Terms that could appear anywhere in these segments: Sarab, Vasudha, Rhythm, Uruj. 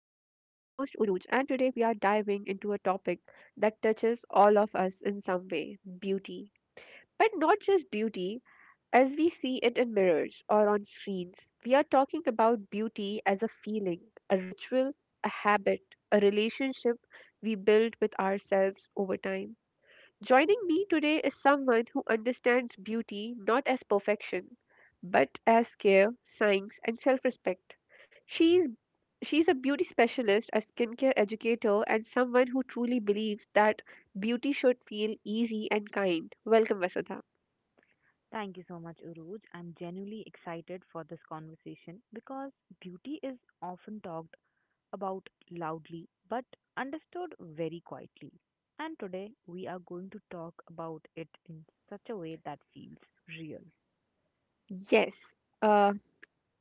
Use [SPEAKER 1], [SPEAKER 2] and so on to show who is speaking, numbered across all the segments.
[SPEAKER 1] host Uruj and today we are diving into a topic that touches all of us in some way, beauty. But not just beauty as we see it in mirrors or on screens. We are talking about beauty as a feeling, a ritual, a habit, a relationship we build with ourselves over time. Joining me today is someone who understands beauty not as perfection, but as care, science, and self-respect. She's she's a beauty specialist, a skincare educator, and someone who truly believes that beauty should feel easy and kind. Welcome, Vasudha.
[SPEAKER 2] Thank you so much, Uruj. I'm genuinely excited for this conversation because beauty is often talked about loudly but understood very quietly. And today we are going to talk about it in such a way that feels real.
[SPEAKER 1] Yes. Uh,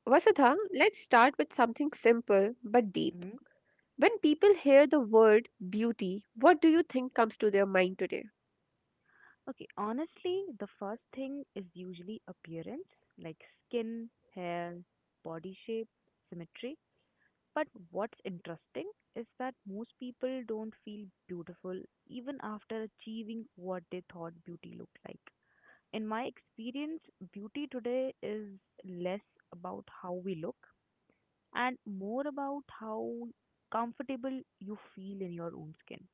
[SPEAKER 1] Vasudha, let's start with something simple but deep.
[SPEAKER 2] Hmm.
[SPEAKER 1] When people hear the word beauty, what do you think comes to their mind today?
[SPEAKER 2] Okay, honestly, the first thing is usually appearance like skin, hair, body shape, symmetry. But what's interesting is that most people don't feel beautiful even after achieving what they thought beauty looked like. In my experience, beauty today is less about how we look and more about how comfortable you feel in your own skin.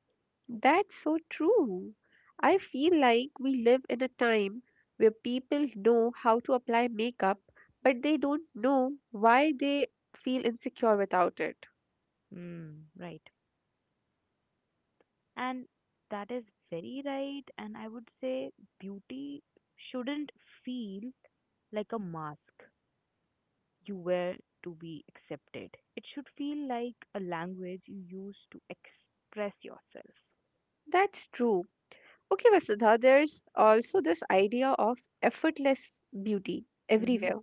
[SPEAKER 1] That's so true. I feel like we live in a time where people know how to apply makeup, but they don't know why they feel insecure without it.
[SPEAKER 2] Hmm, right. And that is very right. And I would say beauty shouldn't feel like a mask. You were to be accepted. It should feel like a language you use to express yourself.
[SPEAKER 1] That's true. Okay, Vasudha, there's also this idea of effortless beauty
[SPEAKER 2] Mm-hmm.
[SPEAKER 1] everywhere,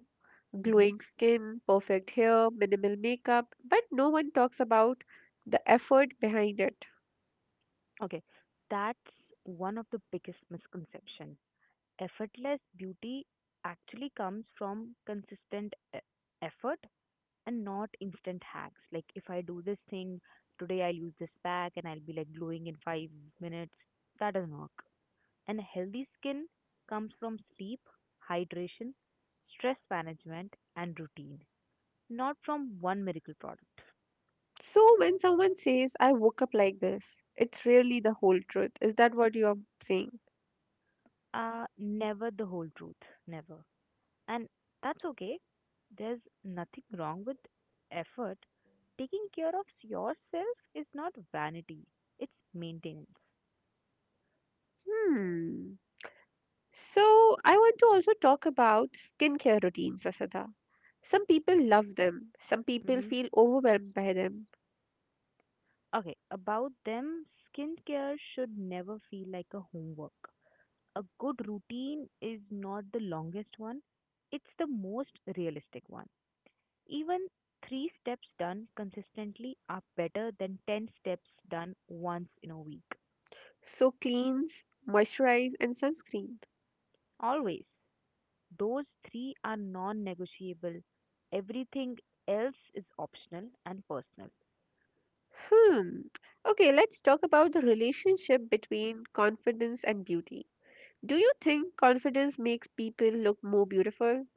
[SPEAKER 2] Mm-hmm.
[SPEAKER 1] glowing skin, perfect hair, minimal makeup, but no one talks about the effort behind it.
[SPEAKER 2] Okay, that's one of the biggest misconception. Effortless beauty actually comes from consistent effort and not instant hacks. Like if I do this thing today, I'll use this pack and I'll be like glowing in 5 minutes. That doesn't work. And healthy skin comes from sleep, hydration, stress management, and routine, not from one miracle product.
[SPEAKER 1] So when someone says, I woke up like this, it's really the whole truth. Is that what you are saying?
[SPEAKER 2] Never the whole truth, never. And that's okay. There's nothing wrong with effort. Taking care of yourself is not vanity, it's maintenance.
[SPEAKER 1] Hmm. So, I want to also talk about skincare routines, Asada. Some people love them, some people
[SPEAKER 2] Hmm.
[SPEAKER 1] feel overwhelmed by them.
[SPEAKER 2] Okay, about them, skincare should never feel like a homework. A good routine is not the longest one, it's the most realistic one. Even three steps done consistently are better than 10 steps done once in a week.
[SPEAKER 1] So, cleanse, moisturize, and sunscreen.
[SPEAKER 2] Always, those three are non negotiable. Everything else is optional and personal.
[SPEAKER 1] Hmm. Okay, let's talk about the relationship between confidence and beauty. Do you think confidence makes people look more beautiful?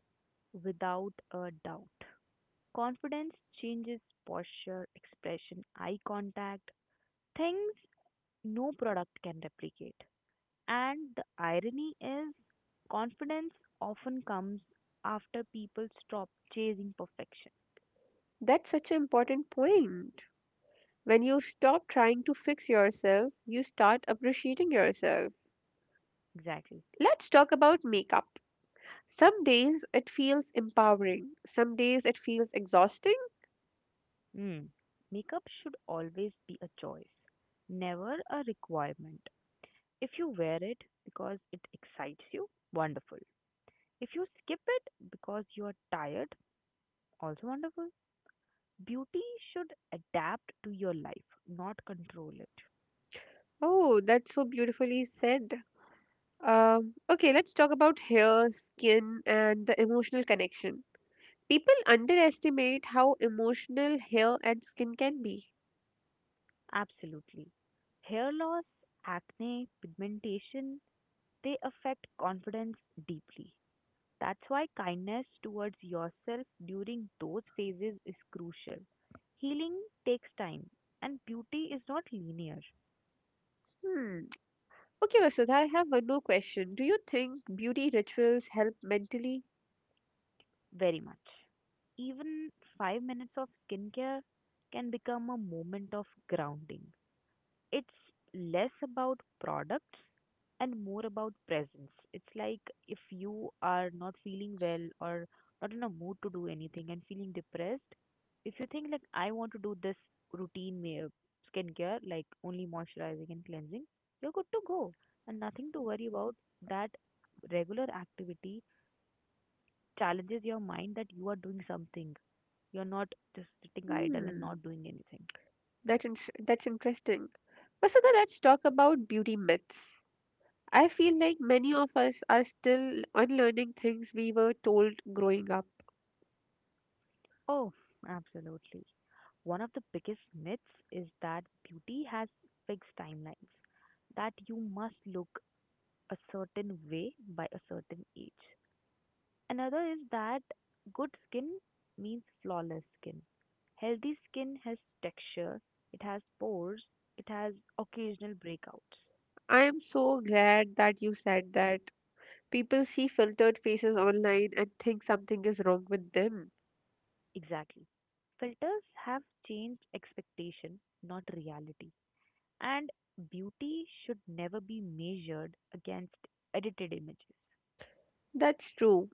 [SPEAKER 2] Without a doubt. Confidence changes posture, expression, eye contact, things no product can replicate. And the irony is, confidence often comes after people stop chasing perfection.
[SPEAKER 1] That's such an important point. When you stop trying to fix yourself, you start appreciating yourself.
[SPEAKER 2] Exactly.
[SPEAKER 1] Let's talk about makeup. Some days it feels empowering, some days it feels exhausting.
[SPEAKER 2] Mm. Makeup should always be a choice, never a requirement. If you wear it because it excites you, wonderful. If you skip it because you are tired, also wonderful. Beauty should adapt to your life, not control it.
[SPEAKER 1] Oh, that's so beautifully said. Okay, let's talk about hair, skin, and the emotional connection. People underestimate how emotional hair and skin can be.
[SPEAKER 2] Absolutely. Hair loss, acne, pigmentation, they affect confidence deeply. That's why kindness towards yourself during those phases is crucial. Healing takes time, and beauty is not linear.
[SPEAKER 1] Hmm. Okay, Vasudha, I have one more question. Do you think beauty rituals help mentally?
[SPEAKER 2] Very much. Even 5 minutes of skincare can become a moment of grounding. It's less about products and more about presence. It's like if you are not feeling well or not in a mood to do anything and feeling depressed, if you think like I want to do this routine skincare, like only moisturizing and cleansing, you're good to go and nothing to worry about. That regular activity challenges your mind that you are doing something. You're not just sitting idle and
[SPEAKER 1] Hmm.
[SPEAKER 2] not doing anything.
[SPEAKER 1] That's interesting. Vasudha, let's talk about beauty myths. I feel like many of us are still unlearning things we were told growing up.
[SPEAKER 2] Oh, absolutely. One of the biggest myths is that beauty has fixed timelines, that you must look a certain way by a certain age. Another is that good skin means flawless skin. Healthy skin has texture, it has pores, it has occasional breakouts.
[SPEAKER 1] I am so glad that you said that. People see filtered faces online and think something is wrong with them.
[SPEAKER 2] Exactly. Filters have changed expectation, not reality. And beauty should never be measured against edited images.
[SPEAKER 1] That's true.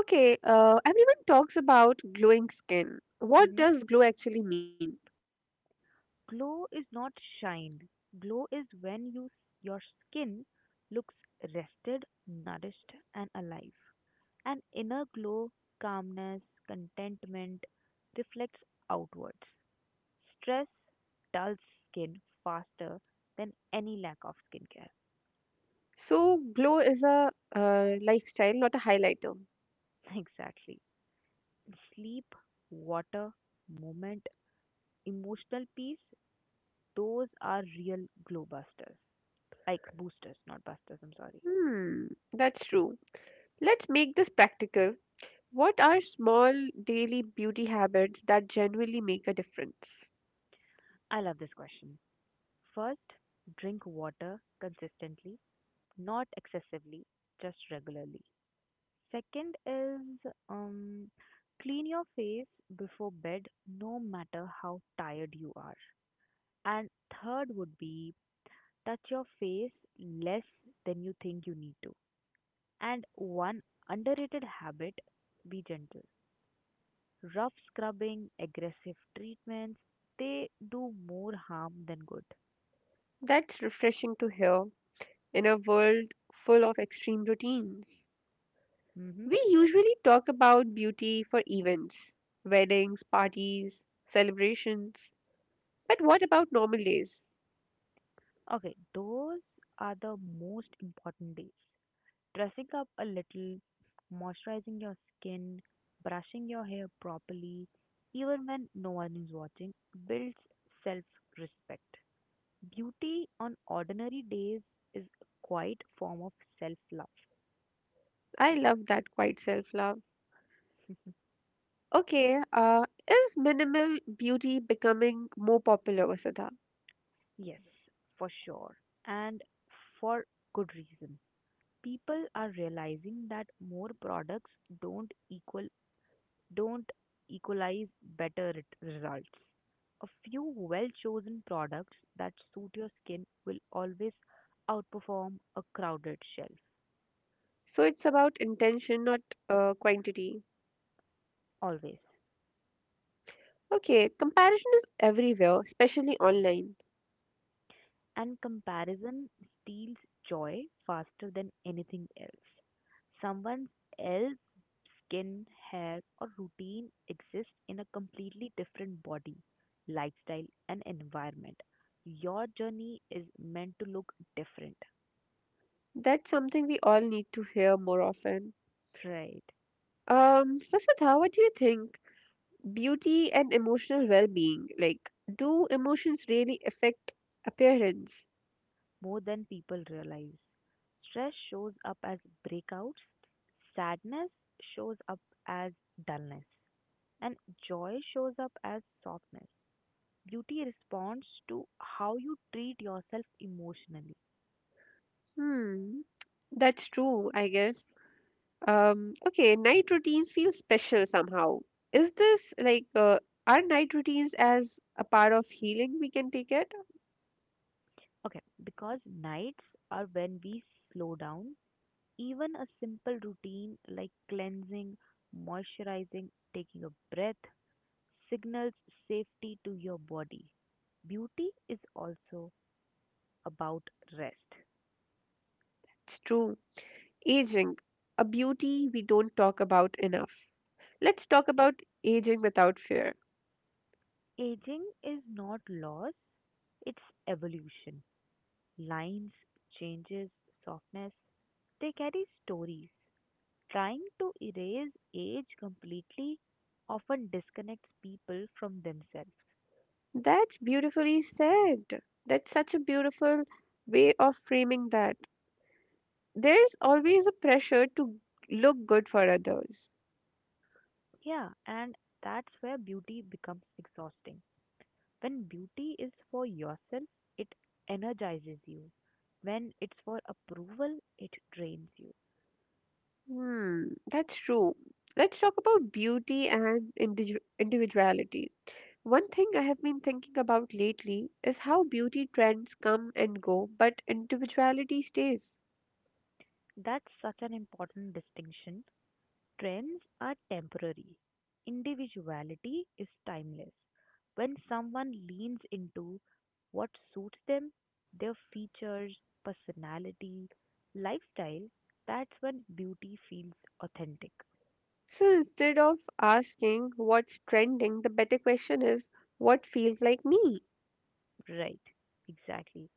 [SPEAKER 1] Okay, everyone talks about glowing skin. What
[SPEAKER 2] Mm-hmm.
[SPEAKER 1] does glow actually mean?
[SPEAKER 2] Glow is not shine. Glow is when your skin looks rested, nourished and alive. An inner glow, calmness, contentment reflects outwards. Stress dulls skin faster than any lack of skincare.
[SPEAKER 1] So, glow is a lifestyle, not a highlighter.
[SPEAKER 2] Exactly. Sleep, water, movement, emotional peace, those are real glow busters. Like boosters, not busters, I'm sorry.
[SPEAKER 1] Hmm, that's true. Let's make this practical. What are small daily beauty habits that genuinely make a difference?
[SPEAKER 2] I love this question. First, drink water consistently, not excessively, just regularly. Second is, clean your face before bed, no matter how tired you are. And third would be touch your face less than you think you need to. And one underrated habit, be gentle. Rough scrubbing, aggressive treatments, they do more harm than good.
[SPEAKER 1] That's refreshing to hear in a world full of extreme routines.
[SPEAKER 2] Hmm.
[SPEAKER 1] We usually talk about beauty for events, weddings, parties, celebrations. But what about normal days?
[SPEAKER 2] Okay, those are the most important days. Dressing up a little, moisturizing your skin, brushing your hair properly, even when no one is watching, builds self respect. Beauty on ordinary days is a quiet form of self love.
[SPEAKER 1] I love that quiet self love. Okay, is minimal beauty becoming more popular, Vasudha?
[SPEAKER 2] Yes, for sure. And for good reason. People are realizing that more products don't equal don't equalize better results. A few well-chosen products that suit your skin will always outperform a crowded shelf.
[SPEAKER 1] So it's about intention, not quantity.
[SPEAKER 2] Always.
[SPEAKER 1] Okay, comparison is everywhere, especially online.
[SPEAKER 2] And comparison steals joy faster than anything else. Someone else's skin, hair, or routine exists in a completely different body, lifestyle, and environment. Your journey is meant to look different,
[SPEAKER 1] That's something we all need to hear more often.
[SPEAKER 2] right?
[SPEAKER 1] Vasudha, what do you think? Beauty and emotional well-being, like, do emotions really affect appearance?
[SPEAKER 2] More than people realize. Stress shows up as breakouts, sadness shows up as dullness, and joy shows up as softness. Beauty responds to how you treat yourself emotionally.
[SPEAKER 1] Hmm, that's true, I guess. Okay, night routines feel special somehow. Is this like are night routines as a part of healing we can take it?
[SPEAKER 2] Okay, because nights are when we slow down. Even a simple routine like cleansing, moisturizing, taking a breath signals safety to your body. Beauty is also about rest.
[SPEAKER 1] It's true. Aging, a beauty we don't talk about enough. Let's talk about aging without fear.
[SPEAKER 2] Aging is not loss, it's evolution. Lines, changes, softness, they carry stories. Trying to erase age completely often disconnects people from themselves.
[SPEAKER 1] That's beautifully said. That's such a beautiful way of framing that. There's always a pressure to look good for others.
[SPEAKER 2] Yeah, and that's where beauty becomes exhausting. When beauty is for yourself, it energizes you. When it's for approval, it drains you.
[SPEAKER 1] Hmm, that's true. Let's talk about beauty and individuality. One thing I have been thinking about lately is how beauty trends come and go, but individuality stays.
[SPEAKER 2] That's such an important distinction. Trends are temporary. Individuality is timeless. When someone leans into what suits them, their features, personality, lifestyle, that's when beauty feels authentic.
[SPEAKER 1] So instead of asking what's trending, the better question is what feels like me?
[SPEAKER 2] Right, exactly.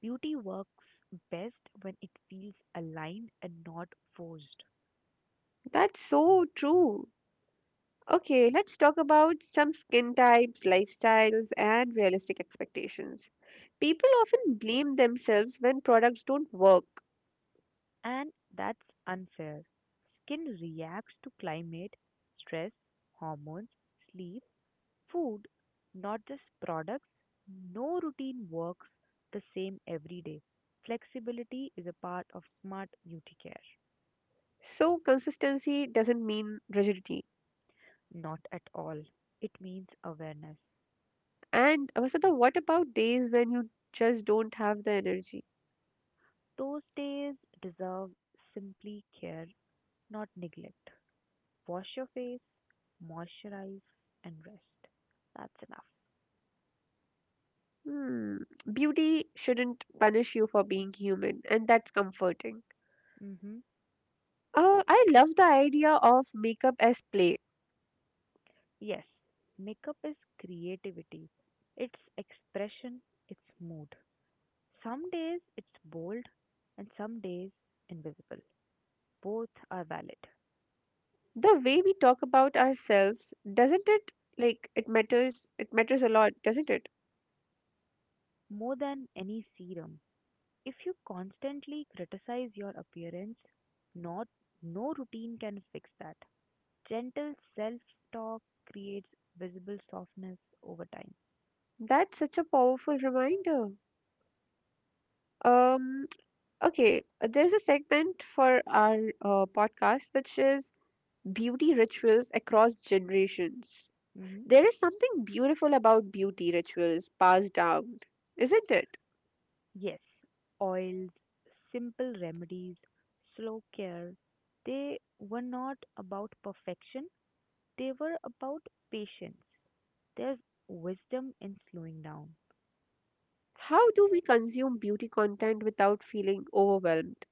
[SPEAKER 2] Beauty works best when it feels aligned and not forced.
[SPEAKER 1] That's so true. Okay, let's talk about some skin types, lifestyles, and realistic expectations. People often blame themselves when products don't work.
[SPEAKER 2] And that's unfair. Skin reacts to climate, stress, hormones, sleep, food, not just products. No routine works the same every day. Flexibility is a part of smart beauty care.
[SPEAKER 1] So consistency doesn't mean rigidity.
[SPEAKER 2] Not at all. It means awareness.
[SPEAKER 1] And Vasudha, what about days when you just don't have the energy?
[SPEAKER 2] Those days deserve simply care, not neglect. Wash your face, moisturize, and rest. That's enough.
[SPEAKER 1] Hmm. Beauty shouldn't punish you for being human, and that's comforting.
[SPEAKER 2] Hmm.
[SPEAKER 1] Oh, I love the idea of makeup as play.
[SPEAKER 2] Yes, makeup is creativity, it's expression, it's mood. Some days it's bold and some days invisible. Both are valid.
[SPEAKER 1] The way we talk about ourselves, doesn't it? Like it matters. It matters a lot, doesn't it?
[SPEAKER 2] More than any serum, if you constantly criticize your appearance, not no routine can fix that. Gentle self-talk creates visible softness over time.
[SPEAKER 1] That's such a powerful reminder. Um. Okay. There's a segment for our podcast which is beauty rituals across generations.
[SPEAKER 2] Hmm.
[SPEAKER 1] There is something beautiful about beauty rituals passed down, isn't it?
[SPEAKER 2] Yes, oils, simple remedies, slow care, they were not about perfection, they were about patience. There's wisdom in slowing down.
[SPEAKER 1] How do we consume beauty content without feeling overwhelmed?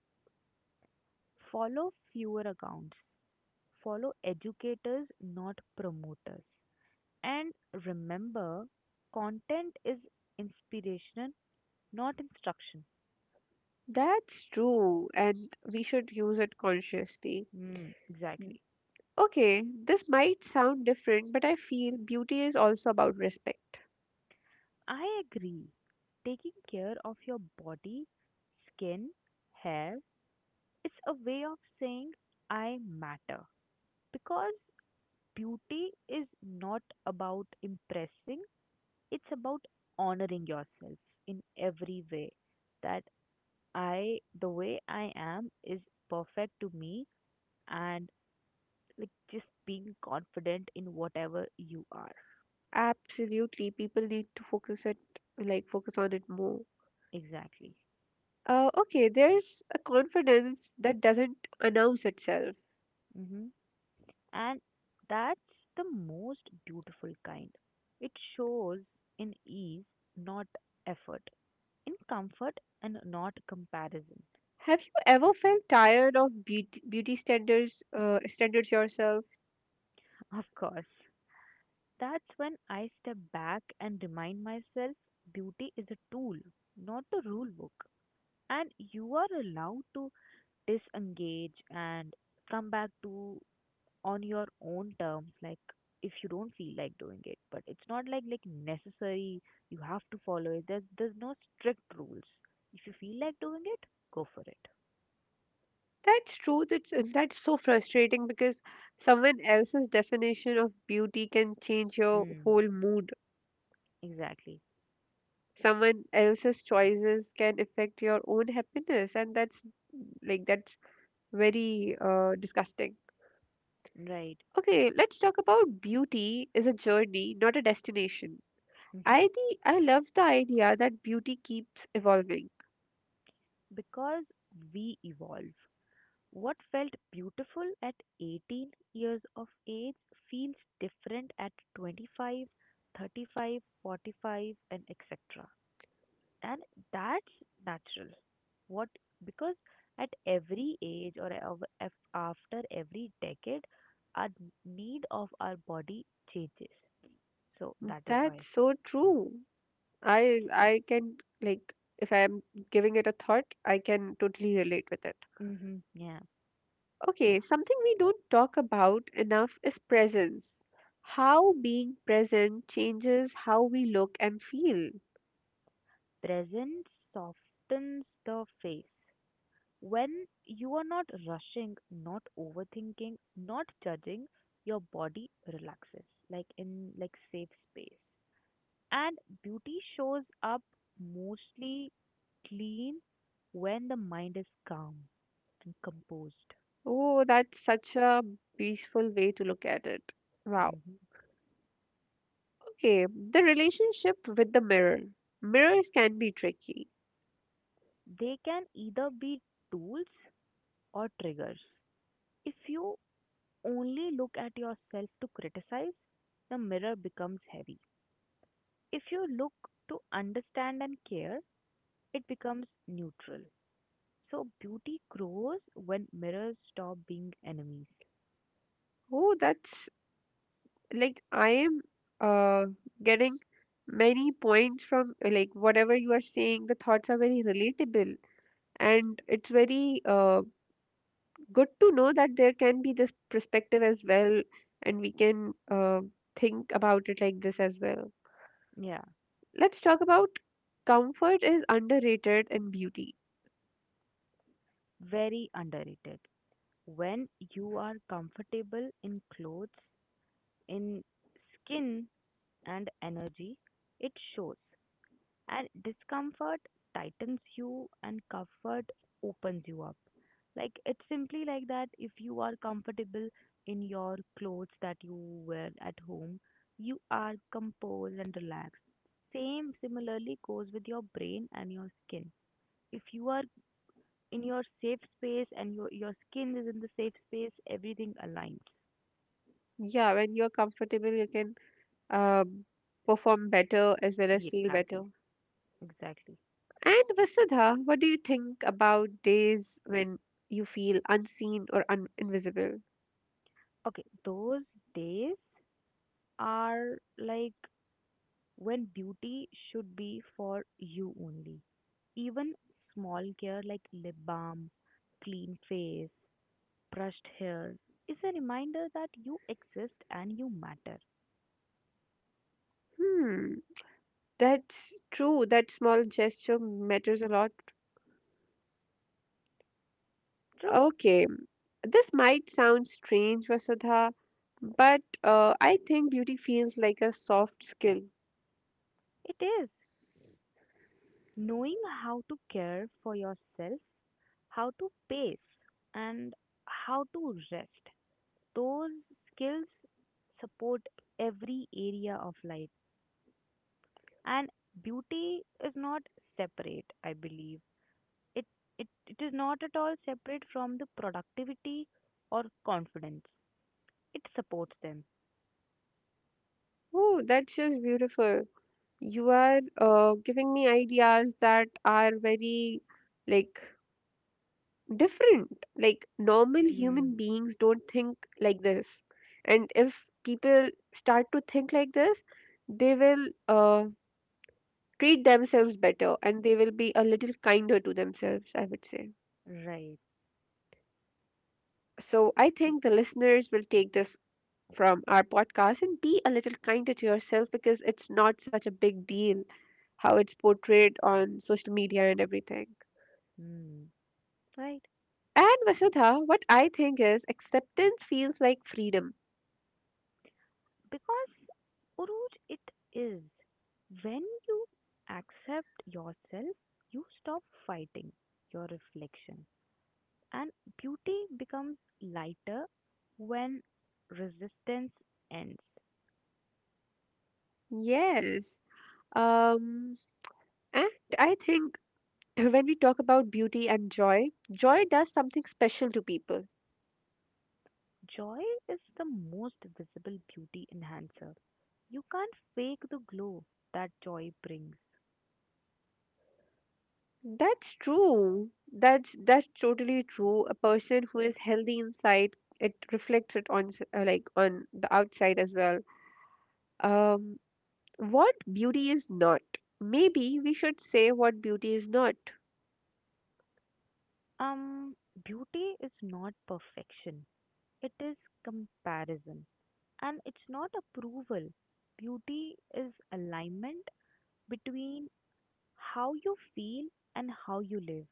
[SPEAKER 2] Follow fewer accounts. Follow educators, not promoters. And remember, content is inspiration, not instruction.
[SPEAKER 1] That's true, and we should use it consciously.
[SPEAKER 2] Mm, exactly.
[SPEAKER 1] Okay, this might sound different, but I feel beauty is also about respect.
[SPEAKER 2] I agree. Taking care of your body, skin, hair is a way of saying I matter. Because beauty is not about impressing, it's about honoring yourself in every way, that I the way I am is perfect to me, and like just being confident in whatever you are.
[SPEAKER 1] Absolutely, people need to focus on it more.
[SPEAKER 2] Exactly.
[SPEAKER 1] Okay, there's a confidence that doesn't announce itself.
[SPEAKER 2] Hmm. And that's the most beautiful kind. It shows in ease, not effort, in comfort and not comparison.
[SPEAKER 1] Have you ever felt tired of beauty standards standards yourself?
[SPEAKER 2] Of course. That's when I step back and remind myself, beauty is a tool, not a rule book. And you are allowed to disengage and come back to on your own terms, like if you don't feel like doing it. But it's not like necessary you have to follow it. There's no strict rules. If you feel like doing it, go for it.
[SPEAKER 1] That's true. That's so frustrating because someone else's definition of beauty can change your
[SPEAKER 2] Mm,
[SPEAKER 1] whole mood.
[SPEAKER 2] exactly.
[SPEAKER 1] Someone else's choices can affect your own happiness, and that's very disgusting.
[SPEAKER 2] Right.
[SPEAKER 1] Okay, let's talk about beauty is a journey, not a destination.
[SPEAKER 2] Hmm.
[SPEAKER 1] I love the idea that beauty keeps evolving.
[SPEAKER 2] Because we evolve. What felt beautiful at 18 years of age feels different at 25, 35, 45, and etc. And that's natural. What because at every age or after every decade, our need of our body changes. So that is why.
[SPEAKER 1] That's so true. I can, like if I'm giving it a thought, I can totally relate with it.
[SPEAKER 2] Hmm. Yeah,
[SPEAKER 1] Okay, something we don't talk about enough is presence. How being present changes how we look and feel.
[SPEAKER 2] presence softens the face. When you are not rushing, not overthinking, not judging, your body relaxes, like in like safe space. And beauty shows up mostly clean when the mind is calm and composed.
[SPEAKER 1] Oh, that's such a peaceful way to look at it. Wow.
[SPEAKER 2] Hmm.
[SPEAKER 1] Okay, the relationship with the mirror. Mirrors can be tricky.
[SPEAKER 2] They can either be tools or triggers. If you only look at yourself to criticize, the mirror becomes heavy. If you look to understand and care, it becomes neutral. So beauty grows when mirrors stop being enemies.
[SPEAKER 1] Oh, that's like I am uh getting many points from like whatever you are saying, the thoughts are very relatable and it's very good to know that there can be this perspective as well and we can think about it like this as well.
[SPEAKER 2] Yeah,
[SPEAKER 1] Let's talk about comfort is underrated in beauty.
[SPEAKER 2] very underrated. When you are comfortable in clothes, in skin, and energy, it shows. And discomfort tightens you and comfort opens you up. Like it's simply like that if you are comfortable in your clothes that you wear at home, you are composed and relaxed. Same similarly goes with your brain and your skin. If you are in your safe space and your skin is in the safe space, everything aligns.
[SPEAKER 1] Yeah, when you're comfortable, you can um, perform better as well as feel better.
[SPEAKER 2] Exactly. Exactly.
[SPEAKER 1] And Vasudha, what do you think about days when you feel unseen or un invisible?
[SPEAKER 2] Okay, those days are like when beauty should be for you only. Even small care like lip balm, clean face, brushed hair is a reminder that you exist and you matter.
[SPEAKER 1] Hmm, that's true. That small gesture matters a lot.
[SPEAKER 2] True,
[SPEAKER 1] Okay, this might sound strange, Vasudha, but I think beauty feels like a soft skill.
[SPEAKER 2] it is. Knowing how to care for yourself, how to pace, and how to rest, those skills support every area of life. And beauty is not separate, I believe. it it is not at all separate from the productivity or confidence, it supports them.
[SPEAKER 1] Oh, that's just beautiful. You are giving me ideas that are very like different. Like normal
[SPEAKER 2] Mm,
[SPEAKER 1] human beings don't think like this. And if people start to think like this, they will treat themselves better and they will be a little kinder to themselves, I would say.
[SPEAKER 2] right.
[SPEAKER 1] So I think the listeners will take this from our podcast and be a little kinder to yourself because it's not such a big deal how it's portrayed on social media and everything.
[SPEAKER 2] Mm, right.
[SPEAKER 1] And Vasudha, what I think is acceptance feels like freedom.
[SPEAKER 2] Because, Uruj, it is when you accept yourself, you stop fighting your reflection, and beauty becomes lighter when resistance ends.
[SPEAKER 1] Yes. Um, and I think when we talk about beauty and joy, joy does something special to people.
[SPEAKER 2] Joy is the most visible beauty enhancer. You can't fake the glow that joy brings.
[SPEAKER 1] That's true. That's totally true. A person who is healthy inside, it reflects it on like on the outside as well. Um, what beauty is not. Maybe we should say what beauty is not.
[SPEAKER 2] Um, Beauty is not perfection, it is comparison. And it's not approval. Beauty is alignment between how you feel and how you live.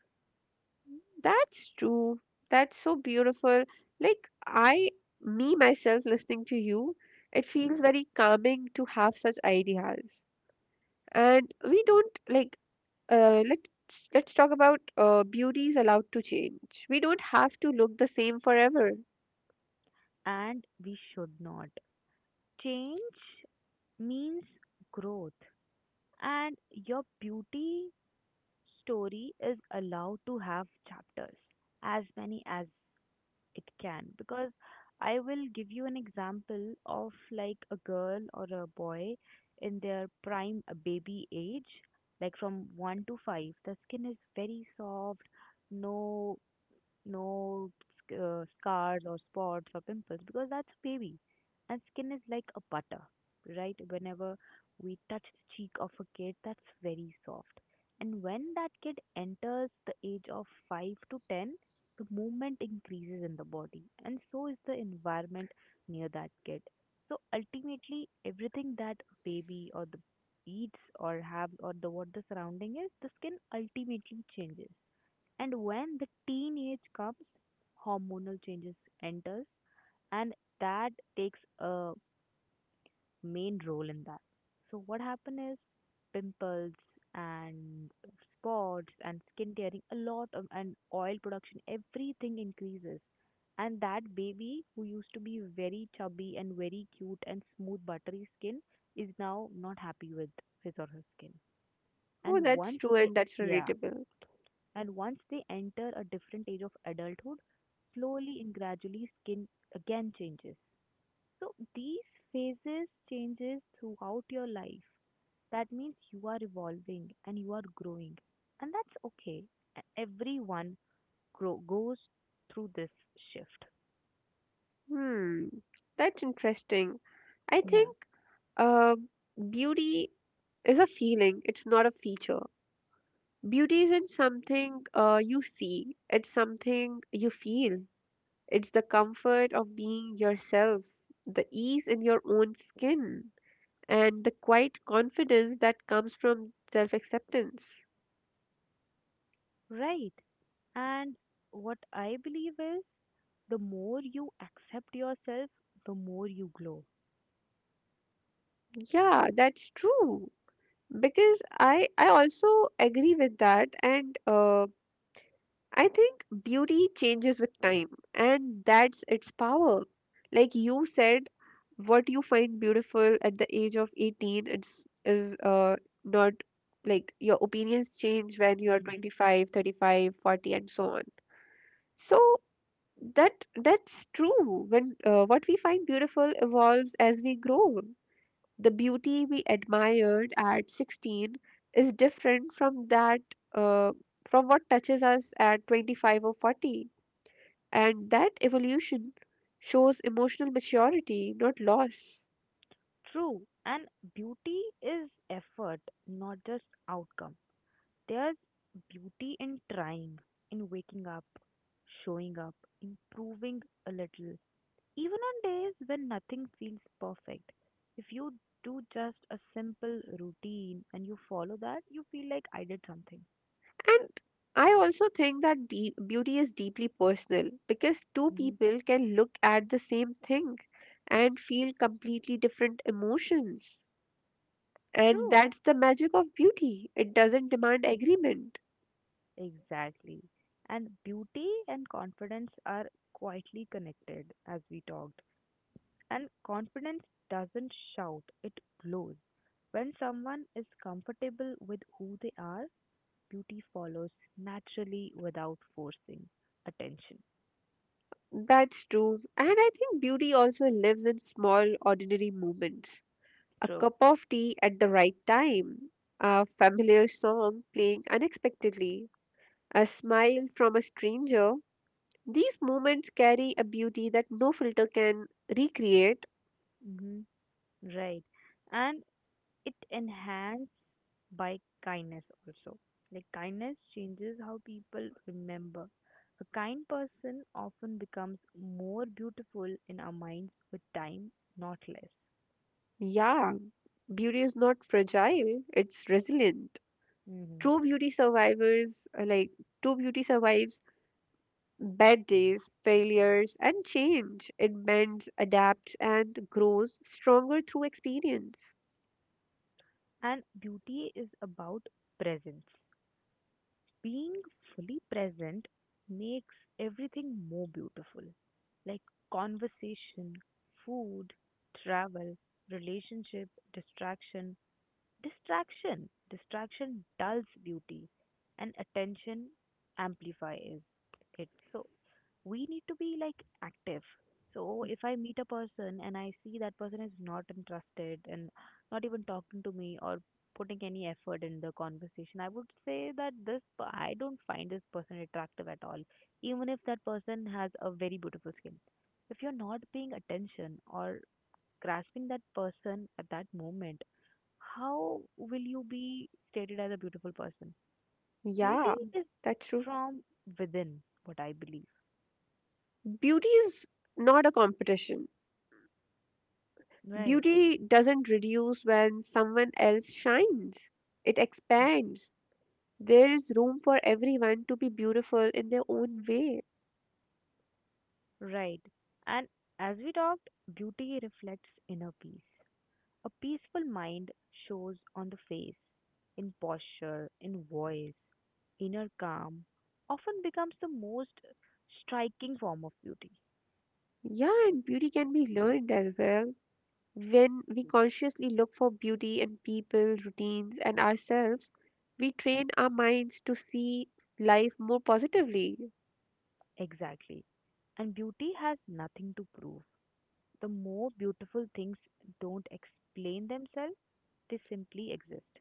[SPEAKER 1] That's true. That's so beautiful. Like, I, me myself, listening to you, it feels very calming to have such ideas. And we don't let's talk about beauty is allowed to change. We don't have to look the same forever.
[SPEAKER 2] And we should not. Change means growth. And your beauty story is allowed to have chapters, as many as it can, because I will give you an example of like a girl or a boy in their prime baby age, like from 1 to 5. The skin is very soft, no no scars or spots or pimples because that's a baby. And skin is like a butter, right? Whenever we touch the cheek of a kid, that's very soft. And when that kid enters the age of 5 to 10, the movement increases in the body, and so is the environment near that kid. So ultimately, everything that baby or the eats or have or the what the surrounding is, the skin ultimately changes. And when the teenage comes, hormonal changes enters, and that takes a main role in that. So what happen is pimples and spots and skin tearing, a lot of and oil production, everything increases. And that baby who used to be very chubby and very cute and smooth buttery skin is now not happy with his or her skin.
[SPEAKER 1] Oh,
[SPEAKER 2] And
[SPEAKER 1] that's
[SPEAKER 2] once
[SPEAKER 1] true
[SPEAKER 2] they,
[SPEAKER 1] and that's
[SPEAKER 2] yeah,
[SPEAKER 1] relatable.
[SPEAKER 2] and once they enter a different age of adulthood, slowly and gradually skin again changes. So these phases changes throughout your life. That means you are evolving and you are growing. And that's okay. Everyone grow, goes through this shift.
[SPEAKER 1] Hmm, that's interesting, I
[SPEAKER 2] Yeah.
[SPEAKER 1] think. uh, Beauty is a feeling, it's not a feature. Beauty isn't something you see, it's something you feel. It's the comfort of being yourself, the ease in your own skin, and the quiet confidence that comes from self acceptance.
[SPEAKER 2] Right. And what I believe is the more you accept yourself, the more you glow.
[SPEAKER 1] Yeah, that's true, because I also agree with that, and I think beauty changes with time, and that's its power. Like you said, what you find beautiful at the age of 18 is not, like your opinions change when you are 25, 35, 40, and so on. So that's true. When what we find beautiful evolves as we grow. The beauty we admired at 16 is different from that uh, from what touches us at 25 or 40, and that evolution shows emotional maturity, not loss.
[SPEAKER 2] True, and beauty is effort, not just outcome. There's beauty in trying, in waking up, showing up, improving a little. Even on days when nothing feels perfect, if you do just a simple routine and you follow that, you feel like I did something.
[SPEAKER 1] And I also think that beauty is deeply personal, because two
[SPEAKER 2] Hmm.
[SPEAKER 1] people can look at the same thing and feel completely different emotions. And
[SPEAKER 2] True,
[SPEAKER 1] that's the magic of beauty. It doesn't demand agreement.
[SPEAKER 2] exactly. And beauty and confidence are quietly connected as we talked. And confidence doesn't shout, it glows. When someone is comfortable with who they are, beauty follows naturally without forcing attention.
[SPEAKER 1] That's true. And I think beauty also lives in small, ordinary moments. A
[SPEAKER 2] True.
[SPEAKER 1] cup of tea at the right time, a familiar song playing unexpectedly, a smile from a stranger. These moments carry a beauty that no filter can recreate.
[SPEAKER 2] Hmm. Right. And it enhanced by kindness also. Like kindness changes how people remember. A kind person often becomes more beautiful in our minds with time, not less.
[SPEAKER 1] Yeah, beauty is not fragile, it's resilient.
[SPEAKER 2] Hmm.
[SPEAKER 1] True beauty survivors, uh, like, true beauty survives bad days, failures, and change. It bends, adapts, and grows stronger through experience.
[SPEAKER 2] And beauty is about presence. Being fully present makes everything more beautiful, like conversation, food, travel, relationship, distraction. Distraction dulls beauty, and attention amplifies it. So we need to be like active, so if I meet a person and I see that person is not interested and not even talking to me or putting any effort in the conversation, I would say that I don't find this person attractive at all. Even if that person has a very beautiful skin, if you're not paying attention or grasping that person at that moment, how will you be stated as a beautiful person?
[SPEAKER 1] Yeah,
[SPEAKER 2] Beauty is
[SPEAKER 1] that's true.
[SPEAKER 2] from within, what I believe.
[SPEAKER 1] Beauty is not a competition.
[SPEAKER 2] Right.
[SPEAKER 1] Beauty doesn't reduce when someone else shines, it expands. There is room for everyone to be beautiful in their own way.
[SPEAKER 2] Right. And as we talked, beauty reflects inner peace. A peaceful mind shows on the face, in posture, in voice. Inner calm often becomes the most striking form of beauty.
[SPEAKER 1] Yeah, and beauty can be learned as well. When we consciously look for beauty in people, routines, and ourselves, we train our minds to see life more positively.
[SPEAKER 2] Exactly. And beauty has nothing to prove. The more beautiful things don't explain themselves, they simply exist.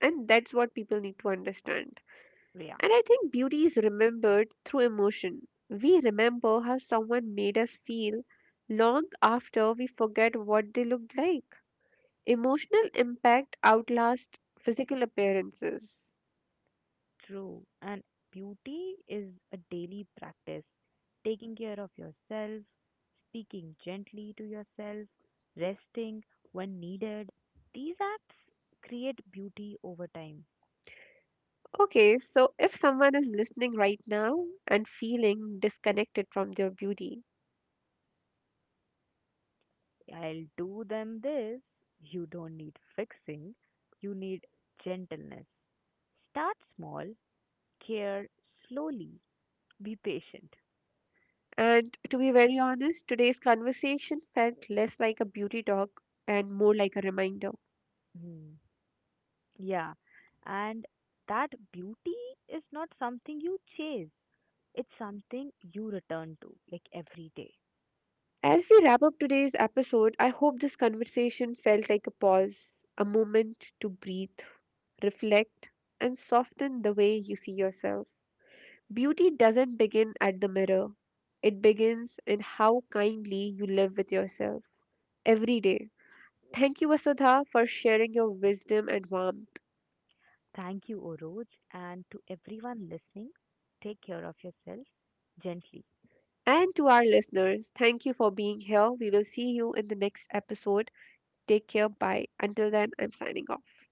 [SPEAKER 1] And that's what people need to understand.
[SPEAKER 2] Rhea.
[SPEAKER 1] And I think beauty is remembered through emotion. We remember how someone made us feel long after we forget what they looked like. Emotional impact outlasts physical appearances.
[SPEAKER 2] True. And beauty is a daily practice. Taking care of yourself, speaking gently to yourself, resting when needed. These acts create beauty over time.
[SPEAKER 1] Okay, so if someone is listening right now and feeling disconnected from their beauty,
[SPEAKER 2] I'll do them this. You don't need fixing, you need gentleness. Start small, care slowly, be patient.
[SPEAKER 1] and to be very honest, today's conversation felt less like a beauty talk and more like a reminder.
[SPEAKER 2] Mm. Yeah. And that beauty is not something you chase. It's something you return to, like every day.
[SPEAKER 1] As we wrap up today's episode, I hope this conversation felt like a pause, a moment to breathe, reflect, and soften the way you see yourself. Beauty doesn't begin at the mirror, it begins in how kindly you live with yourself every day. Thank you, Vasudha, for sharing your wisdom and warmth.
[SPEAKER 2] Thank you, Oroj, and to everyone listening, take care of yourself gently.
[SPEAKER 1] And to our listeners, thank you for being here. We will see you in the next episode. Take care. Bye. Until then, I'm signing off.